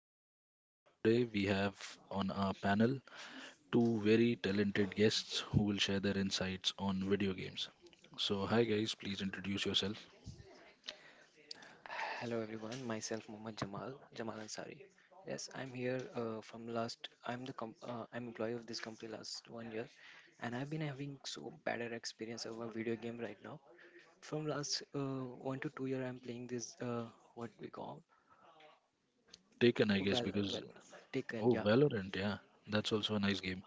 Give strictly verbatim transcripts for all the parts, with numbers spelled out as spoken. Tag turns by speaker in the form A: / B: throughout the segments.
A: podcast. Today, we have on our panel two very talented guests who will share their insights on video games. So, hi guys, please introduce yourself.
B: Hello everyone, myself Mohammed Jamal Jamal Ansari. Yes, I'm here uh, from last. I'm the com- uh, I'm employee of this company last one year, and I've been having so better experience of a video game right now. From last uh, one to two year, I'm playing this uh, what we call
A: Taken, I guess,
B: well
A: because
B: well taken.
A: oh,
B: Yeah,
A: Valorant, yeah, that's also a nice game.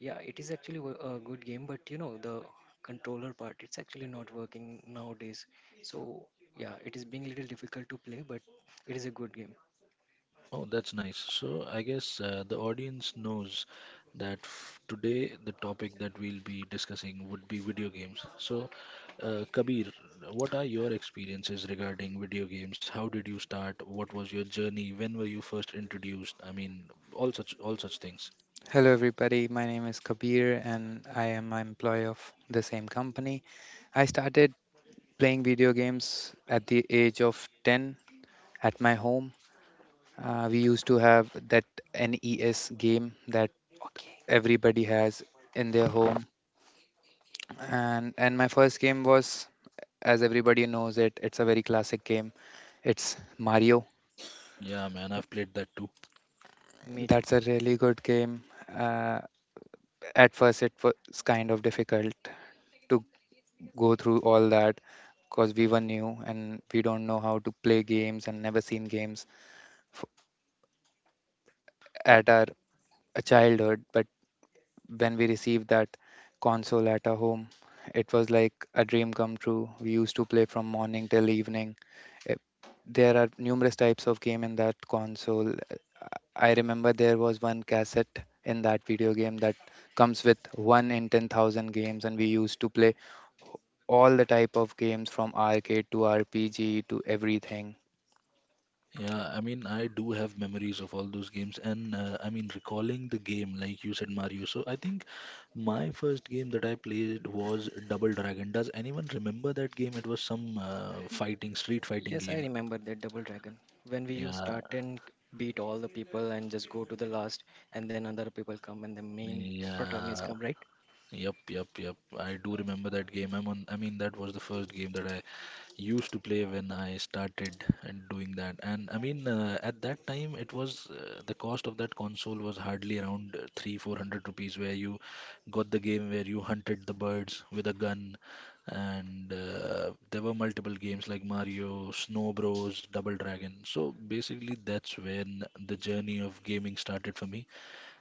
B: yeah, it is actually wo- a good game, but you know the controller part, it's actually not working nowadays. So yeah, it is being little difficult to play, but it is a good game.
A: Oh, that's nice. So I guess uh, the audience knows that f- today the topic that we'll be discussing would be video games. So, uh, Kabir, what are your experiences regarding video games? How did you start? What was your journey? When were you first introduced? I mean, all such all such things.
C: Hello, everybody. My name is Kabir, and I am an employee of the same company. I started playing video games at the age of ten at my home. Uh, we used to have that N E S game that
B: Okay.
C: everybody has in their home, and and my first game was, as everybody knows it, it's a very classic game. It's Mario.
A: Yeah, man, I've played that too.
B: Me too.
C: That's a really good game. Uh, at first, it was kind of difficult to go through all that because we were new and we don't know how to play games and never seen games f- at our a childhood. But when we received that console at our home, it was like a dream come true. We used to play from morning till evening. Eh, There are numerous types of game in that console. Eh, I remember there was one cassette in that video game that comes with one in ten thousand games, and we used to play all the type of games from arcade to R P G to everything.
A: Yeah, I mean, I do have memories of all those games, and uh, I mean, recalling the game, like you said, Mario. So I think my first game that I played was Double Dragon. Does anyone remember that game? It was some uh, fighting, street fighting
B: Yes, I
A: game.
B: remember that Double Dragon. When we used start
A: Yeah,
B: and beat all the people and just go to the last, and then other people come and the main protagonist
A: yeah,
B: come, right?
A: yep, yep, yep. I do remember that game. I'm on, I mean, that was the first game that I used to play when I started and doing that. And I mean, uh, at that time, it was uh, the cost of that console was hardly around uh, three, four hundred rupees, where you got the game where you hunted the birds with a gun, and uh, there were multiple games like Mario, Snow Bros, Double Dragon. So basically, that's when the journey of gaming started for me,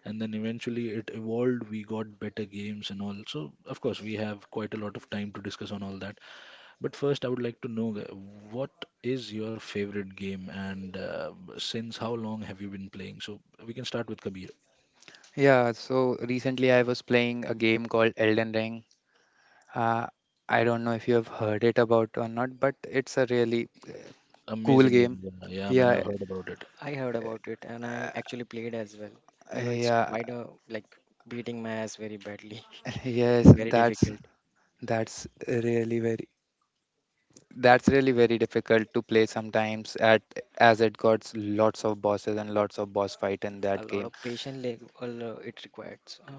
A: and then eventually it evolved. We got better games and all. So of course, we have quite a lot of time to discuss on all that. But first, I would like to know uh, what is your favorite game and uh, since how long have you been playing? So we can start with Kabir.
C: Yeah, so recently I was playing a game called Elden Ring. Uh, I don't know if you have heard it about or not, but it's a really cool
A: Amazing game.
C: game.
A: Yeah, yeah, man,
C: Yeah,
A: I've heard about it.
B: I heard about it and I actually played as well. You know, it's
C: yeah,
B: quite a like beating my ass very badly.
C: yes,
B: It's very
C: that's
B: difficult.
C: that's really very that's really very difficult to play sometimes at as it got lots of bosses and lots of boss fight in
B: A
C: that
B: lot
C: game.
B: of patience like, uh, it requires. Uh,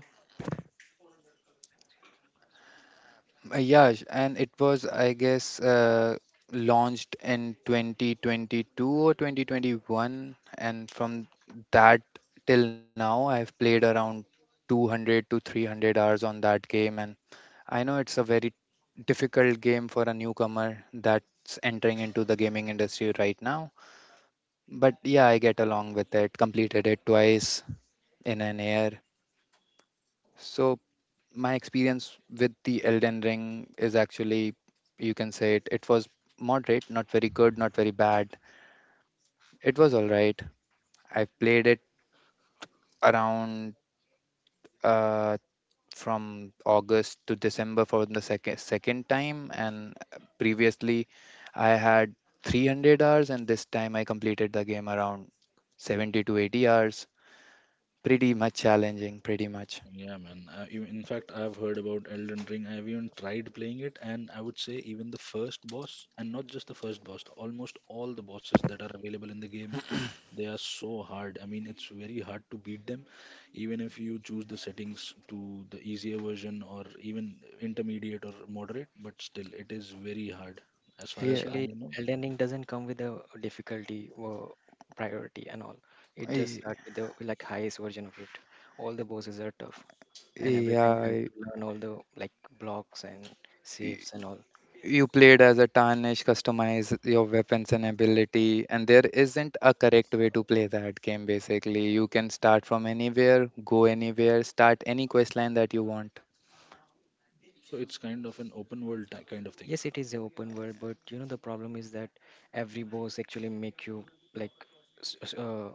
C: Uh, Yeah, sh- and it was, I guess, uh, launched in twenty twenty-two or twenty twenty-one. And from that till now, I've played around two hundred to three hundred hours on that game. And I know it's a very difficult game for a newcomer that's entering into the gaming industry right now. But yeah, I get along with it, completed it twice in an year. So my experience with the Elden Ring is actually, you can say it, it was moderate, not very good, not very bad. It was all right. I played it around uh, from August to December for the second second time, and previously I had three hundred hours, and this time I completed the game around seventy to eighty hours. Pretty much challenging, pretty much.
A: Yeah, man. Uh, even- in fact, I've heard about Elden Ring. I've even tried playing it, and I would say even the first boss, and not just the first boss, almost all the bosses that are available in the game. They are so hard. I mean, it's very hard to beat them, even if you choose the settings to the easier version or even intermediate or moderate, but still, it is very hard as far
C: Yeah,
A: as I
B: Actually,
A: know.
B: Elden Ring doesn't come with a difficulty or priority and all. It just
C: y-
B: starts with the like highest version of it. All the bosses are tough. And every time you have
C: yeah.
B: to learn all the like blocks and saves and all.
C: You played as a Tarnish, customize your weapons and ability, and there isn't a correct way to play that game basically. You can start from anywhere, go anywhere, start any quest line that you want.
A: So it's kind of an open world ti- kind of thing.
B: Yes, it is a open world, but you know the problem is that every boss actually make you like s- s- uh,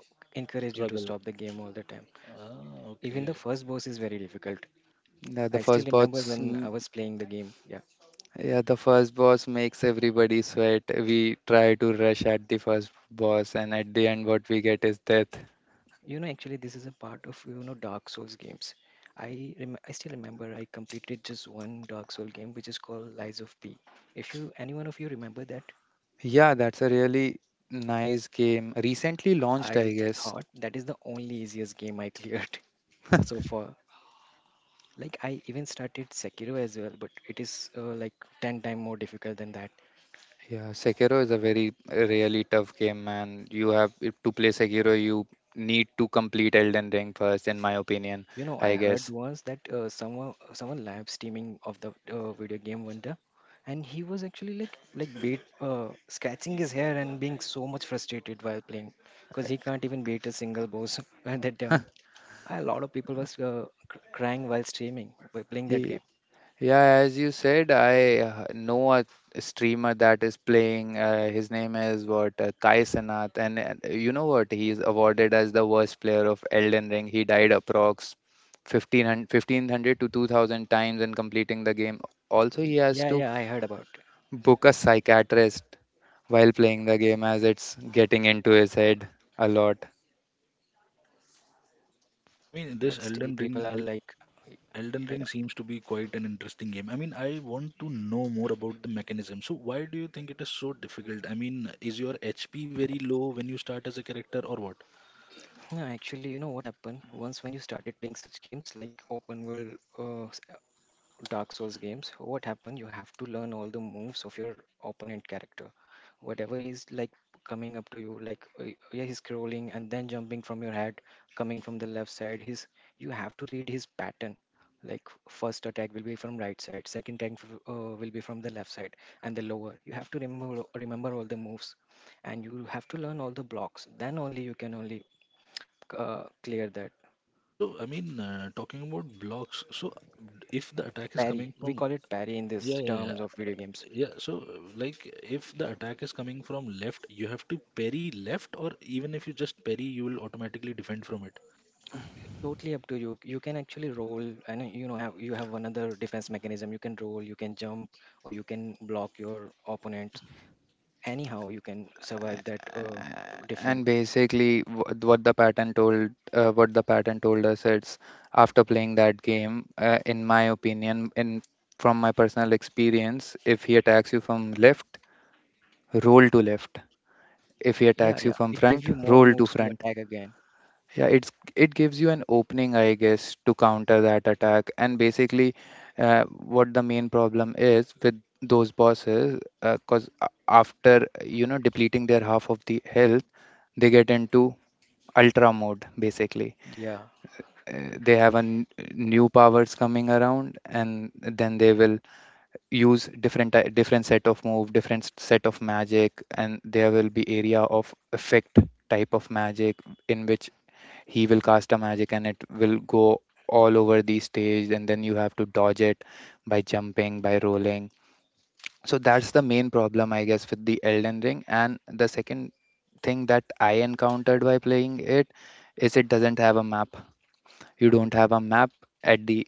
B: encourage you to
A: Struggle.
B: stop the game all the time.
A: Ah,
B: Even the
A: okay.
B: first boss is very difficult.
C: Yeah, the
B: I still
C: first
B: remember
C: boss,
B: when I
C: mm,
B: was playing the game. Yeah,
C: yeah, the first boss makes everybody sweat. We try to rush at the first boss, and at the end, what we get is death.
B: you know, actually this is a part of, you know Dark Souls games. I rem- i still remember I completed just one Dark Soul game which is called Lies of P. if you Any one of you remember that?
C: Yeah, that's a really nice game. Recently launched,
B: I
C: I guess.
B: thought that is the only easiest game I cleared so far. Like, I even started Sekiro as well, but it is uh, like ten times more difficult than that.
C: Yeah, Sekiro is a very uh, really tough game, and you have if to play Sekiro, you need to complete Elden Ring first, in my opinion,
B: You know, I
C: I
B: heard
C: guess.
B: once that uh, someone someone live streaming of the uh, video game one day, and he was actually like like beat uh, scratching his hair and being so much frustrated while playing because he can't even beat a single boss at that time. A lot of people was uh, cr- crying while streaming by playing that
C: Ye-
B: game.
C: Yeah, as you said, I uh, know a streamer that is playing. Uh, his name is what uh, Kai Sanath, and uh, you know what? He is awarded as the worst player of Elden Ring. He died approx fifteen hundred, fifteen hundred to two thousand times in completing the game. Also,
B: Y-
C: he has
B: Yeah,
C: to
B: yeah, I heard about.
C: book a psychiatrist while playing the game as it's getting into his head a lot.
A: I mean,
B: But
A: this
B: still
A: Elden
B: people
A: Ring,
B: are
A: El-
B: like
A: Elden
B: yeah, yeah.
A: Ring seems to be quite an interesting game. I mean, I want to know more about the mechanism. So, why do you think it is so difficult? I mean, is your H P very low when you start as a character, or what?
B: No, actually, you know what happened once when you started playing such games like open world uh, Dark Souls games. What happened? You have to learn all the moves of your opponent character. Whatever he's like coming up to you, like uh, yeah, he's scrolling and then jumping from your head, coming from the left side. His, you have to read his pattern. Like, first attack will be from right side, second attack f- uh, will be from the left side, and the lower. You have to remember remember all the moves, and you have to learn all the blocks. Then only you can only uh, clear that
A: So I mean, uh, talking about blocks. So if the attack is coming
B: parry. We
A: from,
B: call it parry in
A: yeah,
B: this
A: yeah, yeah,
B: terms of video games.
A: yeah. So like, if the attack is coming from left, you have to parry left, or even if you just parry, you will automatically defend from it.
B: Totally up to you you can actually roll, and you know, have you have another defense mechanism. You can roll, you can jump, or you can block your opponent. Anyhow, you can survive that, uh,
C: A-
B: defend.
C: And basically, wh- what the pattern told, uh, what the pattern told us, it's after playing that game, uh, in my opinion, in from my personal experience, if he attacks you from left, roll to left. If he
B: Yeah,
C: attacks you
B: yeah,
C: from
B: it gives
C: front,
B: you more
C: roll to
B: moves to
C: front.
B: attack again.
C: Yeah, it's it gives you an opening, I guess, to counter that attack. And basically, uh, what the main problem is with those bosses, because after you know depleting their half of the health, they get into ultra mode. Basically,
B: Yeah.
C: uh, they have a n- new powers coming around, and then they will use different ty- different set of move, different s- set of magic, and there will be area of effect type of magic in which he will cast a magic and it will go all over the stage, and then you have to dodge it by jumping, by rolling. So that's the main problem, I guess, with the Elden Ring. And the second thing that I encountered by playing it is it doesn't have a map. You don't have a map at the,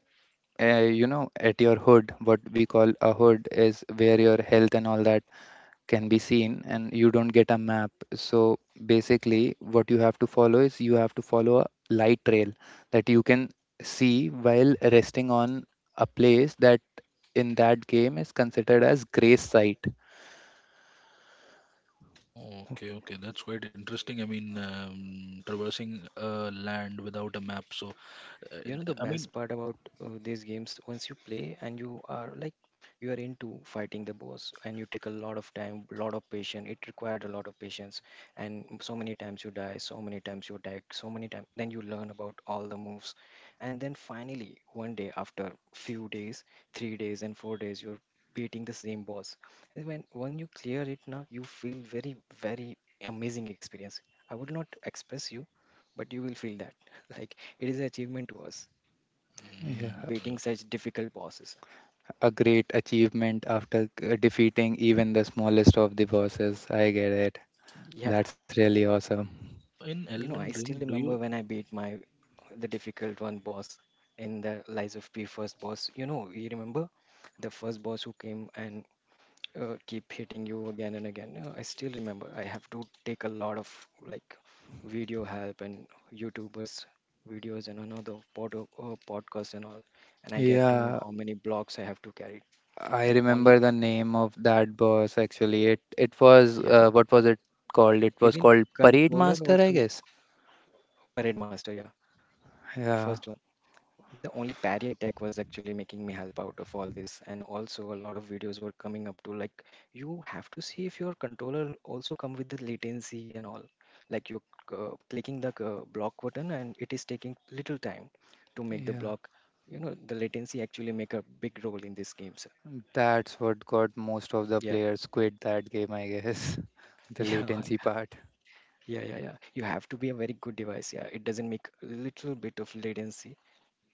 C: uh, you know at your hood. What we call a hood is where your health and all that can be seen, and you don't get a map. So basically, what you have to follow is you have to follow a light trail that you can see while resting on a place that in that game is considered as grace site.
A: Oh, okay, okay, that's quite interesting. I mean, um, traversing uh, land without a map. So, uh,
B: You know the
A: I
B: best
A: mean,
B: part about uh, these games? Once you play and you are like, you are into fighting the boss and you take a lot of time, lot of patience. It required a lot of patience, and so many times you die, so many times you attack, so many times then you learn about all the moves. And then finally one day after few days, three days and four days, you're beating the same boss. And when when you clear it now, you feel very, very amazing experience. I would not express you, but you will feel that. Like, it is an achievement to us,
C: Yeah,
A: mm,
B: beating such difficult bosses.
C: a great achievement after uh, defeating even the smallest of the bosses, I get it.
B: Yeah,
C: That's really awesome.
A: so in
B: you know, I
A: Elden
B: still
A: Ring, do
B: remember
A: you?
B: when I beat my the difficult one boss in the Lies of P first boss. You know, you remember the first boss who came and uh, keep hitting you again and again. Uh, I still remember. I have to take a lot of like video help and YouTubers videos and another pod- uh, podcast and all, and I get to know
C: Yeah,
B: how many blocks I have to carry.
C: I
B: And only
C: remember the name of that boss actually. It it was
B: yeah,
C: uh, what was it called? It was
B: even
C: called Parade
B: controller
C: Master, I
B: also
C: guess.
B: parade master. Yeah.
C: Yeah,
B: First one, the only parry attack was actually making me help out of all this, and also a lot of videos were coming up to like, you have to see if your controller also come with the latency and all. Like, you're uh, clicking the uh, block button and it is taking little time to make the
C: yeah.
B: block. You know the latency actually make a big role in these games.
C: That's what got most of the
B: Yeah,
C: players quit that game, I guess. The
B: yeah,
C: latency part.
B: yeah, yeah, yeah. You have to be a very good device. Yeah, it doesn't make little bit of latency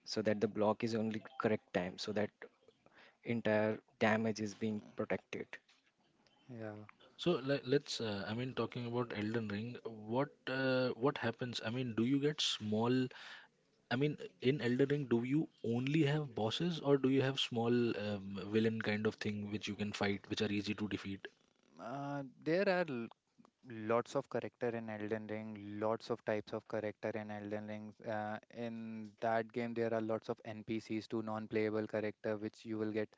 B: so that the block is only correct time so that entire damage is being protected.
C: Yeah.
A: So let, let's. Uh, I mean, talking about Elden Ring, what uh, what happens? I mean, do you get small? I mean, in Elden Ring, do you only have bosses or do you have small um, villain kind of thing which you can fight, which are easy to defeat?
C: Uh, there are l- lots of character in Elden Ring, lots of types of character in Elden Ring. Uh, in that game, there are lots of N P Cs to non-playable character, which you will get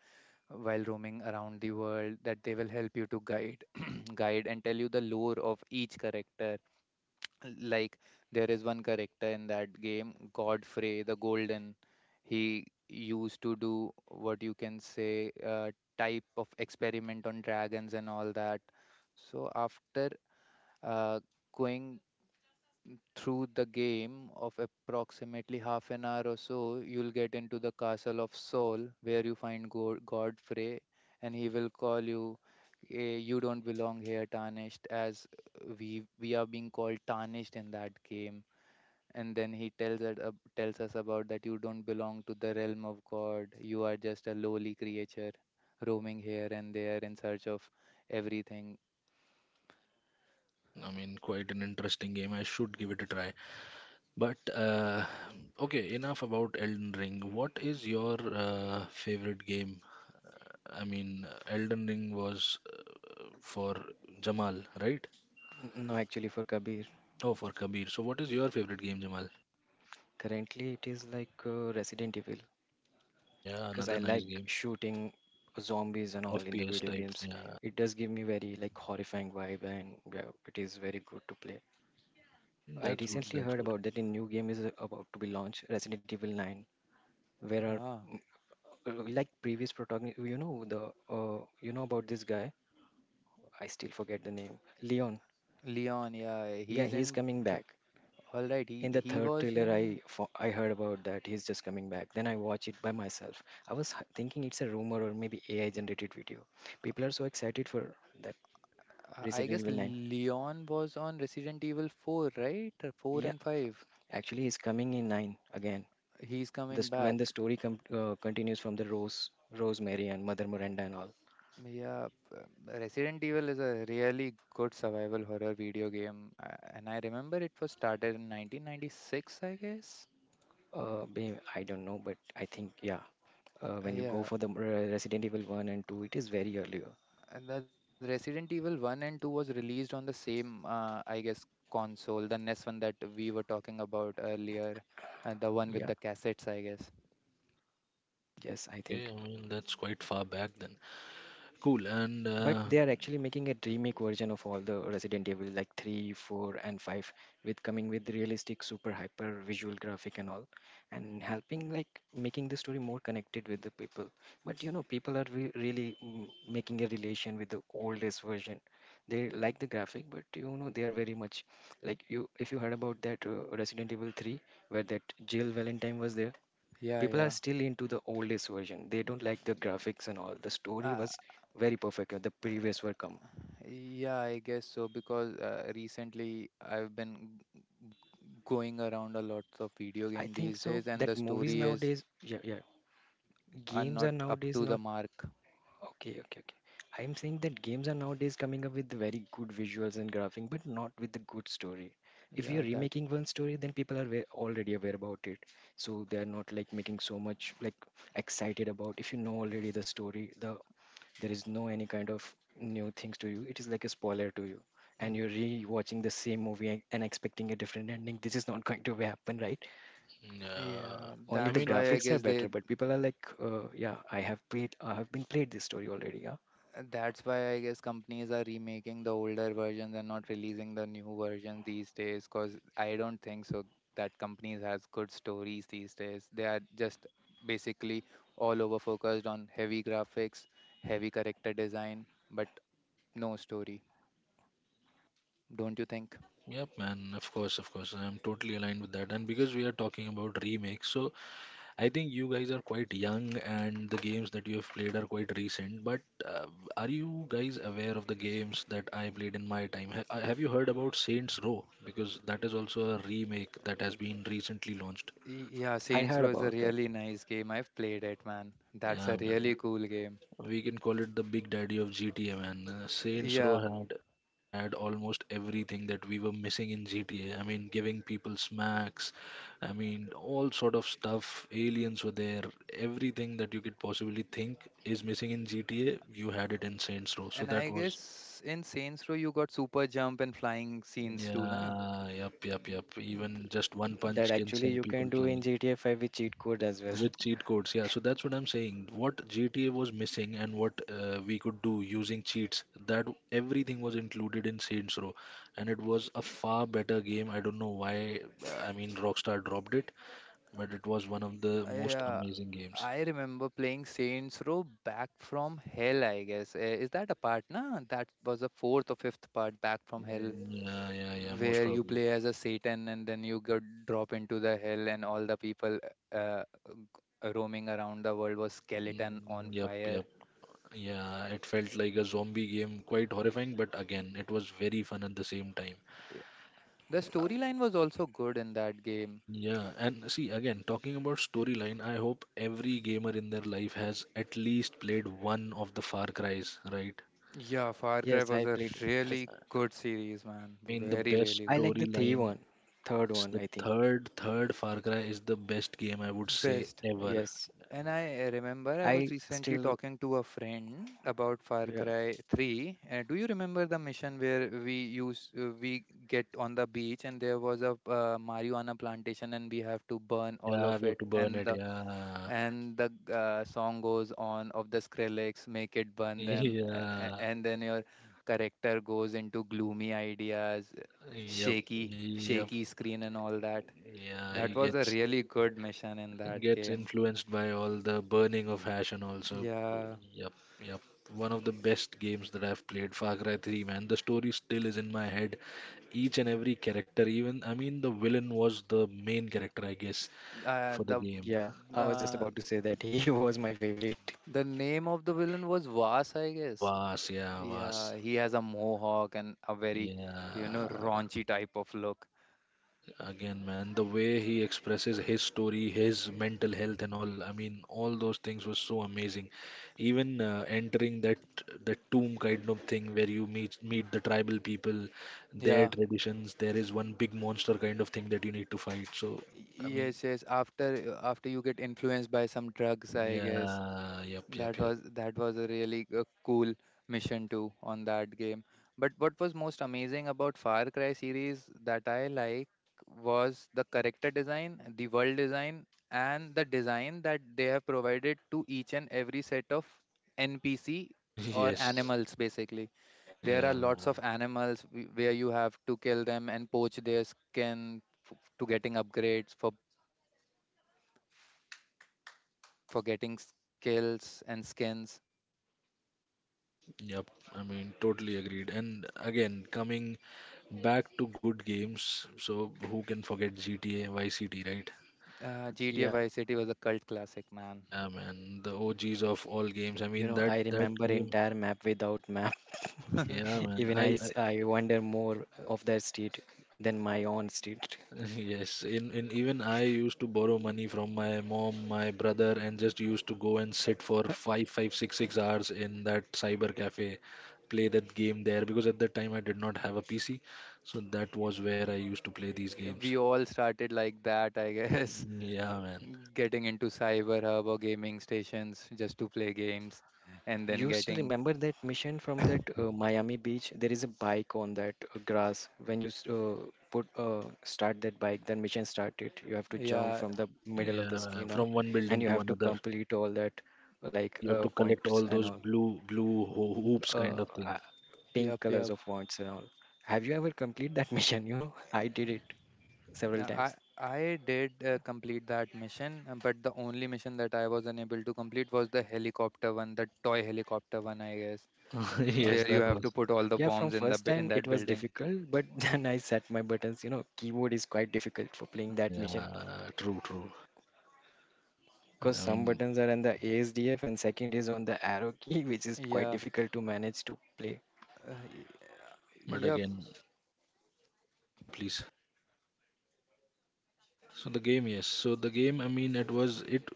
C: while roaming around the world that they will help you to guide guide and tell you the lore of each character. Like, there is one character in that game, Godfrey the Golden. He used to do, what you can say, uh, type of experiment on dragons and all that. So after uh, going through the game of approximately half an hour or so, you'll get into the castle of Saul, where you find Go- Godfrey, and he will call you, "Eh, "You don't belong here, tarnished," as we we are being called tarnished in that game. And then he tells it, ab- tells us about that you don't belong to the realm of God. You are just a lowly creature, roaming here and there in search of everything.
A: I mean, quite an interesting game. I should give it a try. But uh, okay, enough about Elden Ring. What is your uh, favorite game? I mean, Elden Ring was for Jamal, right?
B: N- No, actually, for Kabir,
A: Oh, for Kabir. So, what is your favorite game, Jamal?
B: currently it is like uh, Resident Evil,
A: Yeah,
B: because
A: another
B: I
A: nice
B: like
A: game.
B: shooting zombies and all in the
A: F P S
B: video
A: type.
B: games.
A: Yeah,
B: It does give me very like horrifying vibe, and yeah, it is very good to play. I
A: that's good.
B: recently
A: That's
B: heard
A: good.
B: about that a new game is about to be launched, Resident Evil nine, where our
C: Ah,
B: uh, like previous protagonist, you know the uh, you know about this guy. I still forget the name, Leon.
C: Leon, yeah,
B: Yeah,
C: he's
B: he's
C: in.
B: coming back.
C: All right, he
B: In the
C: he
B: third
C: was
B: trailer, i
C: in,
B: fo- i heard about that he's just coming back. Then I watch it by myself. I was h- thinking it's a rumor or maybe AI generated video. People are so excited for that
C: uh, I
B: Resident
C: guess
B: Evil nine.
C: Leon was on Resident Evil four, right? Or 4 and
B: Yeah,
C: 5.
B: actually he's coming in nine again.
C: He's coming
B: This
C: back.
B: when the story com- uh, continues from the rose rosemary and mother miranda and all.
C: Yeah, p- Resident Evil is a really good survival horror video game, uh, and I remember it was started in nineteen ninety-six, I guess.
B: uh babe, I don't know, but I think yeah, uh, when you go
C: Yeah,
B: for the uh, Resident Evil one and two, it is very earlier.
C: and the Resident Evil one and two was released on the same, uh, I guess, console, the N E S one that we were talking about earlier, and the one with
B: Yeah,
C: the cassettes, I guess.
B: yes, I
A: Okay,
B: think.
A: I mean, that's quite far back then. Cool. And
B: But
A: uh,
B: they are actually making a remake version of all the Resident Evil, like three, four, and five, with coming with realistic, super hyper visual graphic and all, and helping like making the story more connected with the people. But you know, people are re- really, mm, making a relation with the oldest version. They like the graphic, but you know, they are very much like you. If you heard about that uh, Resident Evil three, where that Jill Valentine was there,
C: Yeah,
B: people are
C: yeah.
B: still into the oldest version. They don't like the graphics and all. The story
C: Uh,
B: was very perfect. uh, The previous were come.
C: Yeah, I guess so because uh, recently I've been g- g- going around a lot of video
B: I
C: game
B: think
C: these
B: so.
C: days, and
B: That
C: the
B: movies
C: story is
B: nowadays, yeah, yeah.
C: are
B: Games
C: not
B: are
C: up
B: nowadays
C: to the
B: not
C: mark.
B: okay, okay, okay. I'm saying that games are nowadays coming up with very good visuals and graphing, but not with the good story. If you're
C: Yeah, that.
B: remaking one story, then people are wa- already aware about it, so they are not like making so much like excited about. If you know already the story, the there is no any kind of new things to you. It is like a spoiler to you, and you're
C: Mm,
B: re-watching the same movie and and expecting a different ending. This is not going to happen, right?
A: uh,
C: yeah,
B: Only
A: I
B: the
C: that's
A: mean,
C: why I
B: graphics are
C: guess they.
B: better, but people are like, uh, yeah, I have played, I have been played this story already. Yeah,
C: And that's why I guess companies are remaking the older versions and not releasing the new version these days. Cause I don't think so that companies has good stories these days. They are just basically all over focused on heavy graphics, heavy character design, but no story. Don't you think?
A: yep, man. Of course, of course. I am totally aligned with that. And because we are talking about remakes, so I think you guys are quite young, and the games that you have played are quite recent. But uh, are you guys aware of the games that I played in my time? Ha- uh, have you heard about Saints Row? Because that is also a remake that has been recently launched.
C: Y- Yeah,
B: I
C: Saints
B: heard
C: Row is a
B: about that.
C: really nice game. I've played it, man. That's
A: Yeah,
C: a really
A: man.
C: cool game.
A: We can call it the big daddy of G T A, man. Uh, Saints Row
C: Yeah,
A: had it had almost everything that we were missing in G T A. I mean, giving people smacks. I mean, all sort of stuff. Aliens were there. Everything that you could possibly think is missing in G T A, you had it in Saints Row. So
C: and
A: that
C: I
A: was,
C: guess in Saints Row you got super jump and flying scenes too, na?
A: yeah, yep, yep, yep. Even just one
B: That
A: punch can
B: actually
A: send
B: you
A: people
B: can do in
A: flying.
B: GTA five with cheat code as well.
A: With cheat codes, yeah. So that's what I'm saying, what GTA was missing and what uh, we could do using cheats, that everything was included in Saints Row, and it was a far better game. I don't know why. I mean, Rockstar dropped it, but it was one of the
C: I,
A: most
C: uh,
A: amazing games.
C: I remember playing Saints Row Back from Hell, I guess. Uh, is that a part? Nah, that was the fourth or fifth part, Back from Hell,
A: Yeah, yeah, yeah, most
C: where you
A: probably.
C: play as a Satan and then you get drop into the hell and all the people uh, g- roaming around the world was skeleton on
A: Mm, yep,
C: fire.
A: yep, yeah, it felt like a zombie game, quite horrifying, but again, it was very fun at the same time.
C: Yeah. The storyline was also good in that game.
A: Yeah, and see again, talking about storyline, I hope every gamer in their life has at least played one of the Far Cries, right?
C: Yeah, Far Cry
B: Yes,
C: was
B: I
C: a
B: played it as,
C: really good series, man.
A: I mean, the
C: Very,
A: best
C: really
B: I
C: good.
B: like the three
A: storyline,
B: one, third
A: yes,
B: one,
A: the
B: I think.
A: third third Far Cry is the best game I would say
C: Best.
A: ever.
B: Yes,
C: And I remember I was
B: I
C: recently
B: still
C: talking to a friend about Far
B: yeah,
C: Cry three. Uh, do you remember the mission where we use uh, we get on the beach and there was a uh, marijuana plantation and we have to burn all
A: Yeah,
C: of
A: we have
C: it,
A: to burn
C: and
A: it.
C: the
A: Yeah,
C: and the uh, song goes on of the Skrillex, make it burn them, a- a-
A: yeah,
C: and then your character goes into gloomy ideas,
A: yep,
C: shaky
A: yep,
C: shaky screen and all that.
A: yeah.
C: That
A: He
C: was a
A: gets
C: really good mission in
A: and
C: that
A: gets
C: game.
A: influenced by all the burning of hash and also,
C: Yeah.
A: yep, yep, one of the best games that I've played, Far Cry three, man. The story still is in my head, each and every character. Even, I mean, the villain was the main character I guess
C: Uh,
A: for the
C: the
A: game.
B: yeah, I was just
C: uh,
B: about to say that he was my favorite.
C: the name of the villain was Vas, I guess.
A: Vas, yeah. Vas,
C: Yeah, he has a mohawk and a very, you know,
A: yeah.
C: raunchy type of look.
A: Again, man, the way he expresses his story, his mental health, and all. I mean, all those things were so amazing. Even uh, entering that that tomb kind of thing where you meet meet the tribal people, their
C: Yeah.
A: traditions. There is one big monster kind of thing that you need to fight. So, I mean,
C: Yes, yes. After after you get influenced by some drugs, I guess.
A: yeah, yep, yep,
C: That
A: yep.
C: was that was a really uh, cool mission too on that game. But what was most amazing about Far Cry series that I like was the character design, the world design, and the design that they have provided to each and every set of N P C or
A: Yes.
C: animals basically. There are
A: Yeah,
C: lots of animals wh- where you have to kill them and poach their skin to getting upgrades for for getting skills and skins.
A: yep. I mean, totally agreed. And again, coming back to good games, so who can forget G T A, Vice City, right?
C: Uh, G T A
B: Yeah.
C: Vice City was a cult classic, man.
A: Yeah, man, the O Gs of all games. I
B: You
A: mean,
B: know,
A: that
B: I
A: that
B: remember
A: game.
B: entire map without map.
A: Yeah, man.
B: Even
A: I,
B: I, s-
A: I
B: I wonder more of that street than my own street.
A: yes. In in even I used to borrow money from my mom, my brother, and just used to go and sit for five, five, six, six hours in that cyber cafe, play that game there because at that time I did not have a P C, so that was where I used to play these games.
C: We all started like that, I guess,
A: Yeah, man.
C: getting into cyber hub or gaming stations just to play games, and then
B: You still
C: getting
B: remember that mission from that uh, Miami beach? There is a bike on that uh, grass. When you s- uh, put uh, start that bike, then mission started. You have to jump
C: yeah,
B: from the middle of
A: Yeah,
B: the
A: man,
B: skin,
A: from one
B: and
A: building
B: you
A: to
B: have to
A: another.
B: complete all that like
A: You have
B: uh,
A: to collect
B: points
A: all
B: and
A: those
B: all,
A: blue blue ho- hoops kind
B: uh,
A: of
B: uh,
A: thing.
B: pink
C: yup,
B: colors
C: yup.
B: of points and all. Have you ever complete that mission? You know, I did it several
C: Uh,
B: times.
C: I I did uh, complete that mission, uh, but the only mission that I was unable to complete was the helicopter one, the toy helicopter one, I guess,
B: Uh,
A: Yes,
C: where you
A: that
C: have to
A: was.
C: put all the
B: Yeah, from
C: bombs in the
B: first
C: bu- in
B: time it
C: that
B: was
C: building.
B: difficult, but then I set my buttons. You know, keyboard is quite difficult for playing that mission
A: Yeah, true, true.
B: because
A: I
B: some
A: mean,
B: buttons are on the A S D F and second is on the arrow key, which is quite
C: Yeah,
B: difficult to manage to play.
C: uh, y-
A: but
C: yup.
A: again, yeah, please. So the game, yes. So the game, I mean, it was it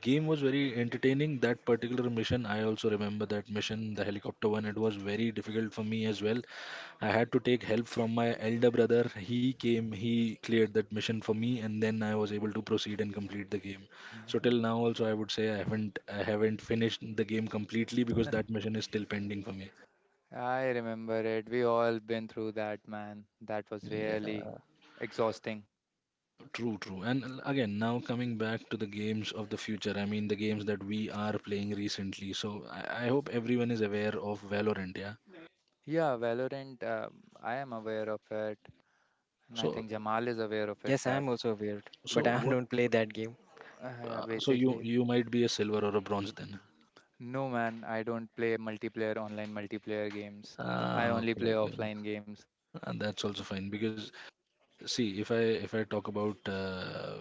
A: game was very entertaining. That particular mission, I also remember that mission, the helicopter one. It was very difficult for me as well. I had to take help from my elder brother. He came, he cleared that mission for me, and then I was able to proceed and complete the game. So till now, also, I would say I haven't I haven't finished the game completely because that mission is still pending for me.
C: I remember it. We all been through that, man. That was really
A: Yeah.
C: exhausting.
A: True, true. And l- again, now coming back to the games of the future, I mean, the games that we are playing recently. So I, I hope everyone is aware of Valorant, yeah?
C: Yeah, Valorant, um, I am aware of it, and I
A: So,
C: think Jamal is aware of it
B: Yes, I
C: that
B: am also aware, but
A: so
B: I
A: what,
B: don't play that game.
C: uh, yeah,
A: uh, so you,
C: basically.
A: you might be a silver or a bronze then.
C: No, man, I don't play multiplayer online multiplayer games. I
A: Ah,
C: only
A: okay,
C: play
A: okay.
C: offline games.
A: And that's also fine because see, if I if I talk about uh,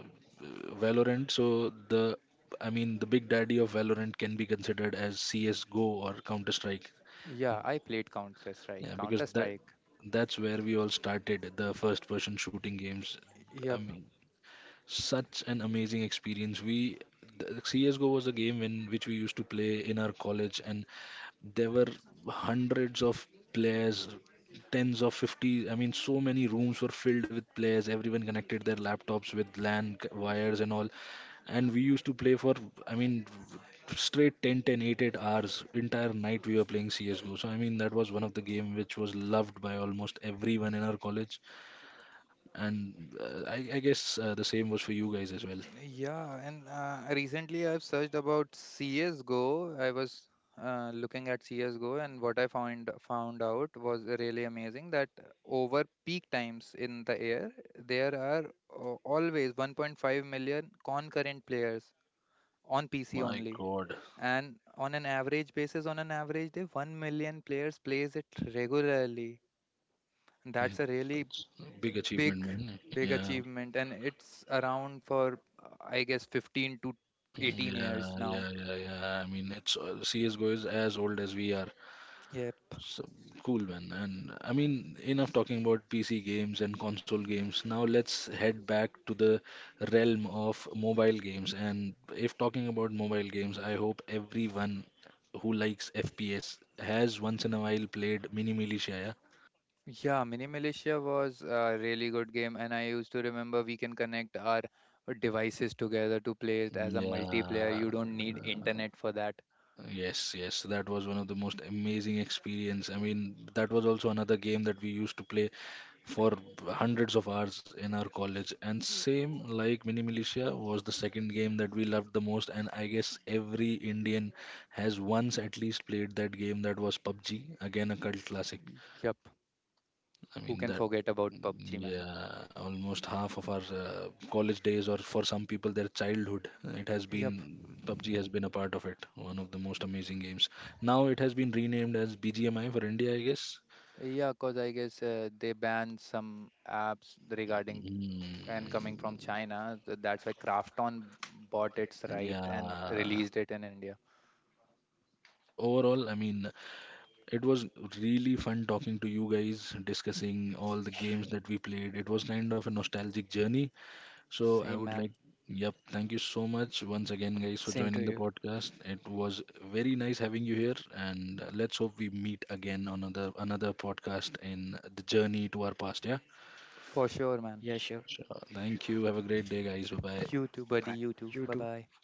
A: Valorant, so the I mean, the big daddy of Valorant can be considered as C S:GO or Counter Strike.
C: Yeah, I played Counter Strike.
A: Yeah, because
C: Counter
A: that
C: Strike.
A: that's where we all started the first person shooting games. I
C: Yep.
A: mean, such an amazing experience. We The C S:GO was a game in which we used to play in our college, and there were hundreds of players, tens of fifty. I mean, so many rooms were filled with players. Everyone connected their laptops with LAN c- wires and all, and we used to play for, I mean, straight ten, ten, 8, eight hours, entire night, we were playing CSGO. So I mean, that was one of the game which was loved by almost everyone in our college, and uh, I, I guess uh, the same was for you guys as well.
C: Yeah, and uh, recently I've searched about C S:GO. I was uh, looking at CS:GO, and what I found found out was really amazing that over peak times in the air, there are uh, always one point five million concurrent players on P C
A: My
C: only.
A: god.
C: And on an average basis, on an average day, one million players plays it regularly. And that's
A: Mm,
C: a really
A: that's a big
C: big
A: achievement, man,
C: big
A: yeah.
C: achievement, and it's around for uh, I guess fifteen to eighteen
A: Mm,
C: years
A: yeah,
C: now.
A: yeah, yeah, yeah, I mean, it's uh, CSGO is as old as we are.
C: Yep.
A: So cool, man. And I mean, enough talking about P C games and console games. Now let's head back to the realm of mobile games. And if talking about mobile games, I hope everyone who likes F P S has once in a while played Mini Militia,
C: Yeah, Mini Militia was a really good game, and I used to remember we can connect our devices together to play it as
A: yeah?
C: a multiplayer.
A: Yeah.
C: You don't need internet for that.
A: Yes, yes, that was one of the most amazing experience. I mean, that was also another game that we used to play for hundreds of hours in our college, and same like Mini Militia was the second game that we loved the most, and I guess every Indian has once at least played that game. That was PUBG, again a cult classic.
C: Yep.
A: I
C: Who
A: mean,
C: can
A: that,
C: forget about PUBG, man?
A: yeah, almost half of our uh, college days, or for some people their childhood, it has been,
C: Yep,
A: PUBG has been a part of it, one of the most amazing games. Now it has been renamed as BGMI for India, I guess.
C: yeah, cause I guess, uh, they banned some apps regarding
A: Mm,
C: and coming from China, th- that's why Krafton bought its right and
A: yeah.
C: released it in India.
A: So overall, I mean, it was really fun talking to you guys, discussing all the games that we played. It was kind of a nostalgic journey. So I
C: Same,
A: would
C: man.
A: like, yep, thank you so much once again, guys, for joining the
B: Same to you.
A: podcast. It was very nice having you here, and uh, let's hope we meet again on another another podcast in the journey to our past. Yeah,
C: For sure, man.
B: Yeah, sure.
A: thank you. Have a great day, guys. Bye
C: You
A: bye.
C: too, buddy. You
B: Bye.
C: too. Bye
B: You
C: bye.
B: too.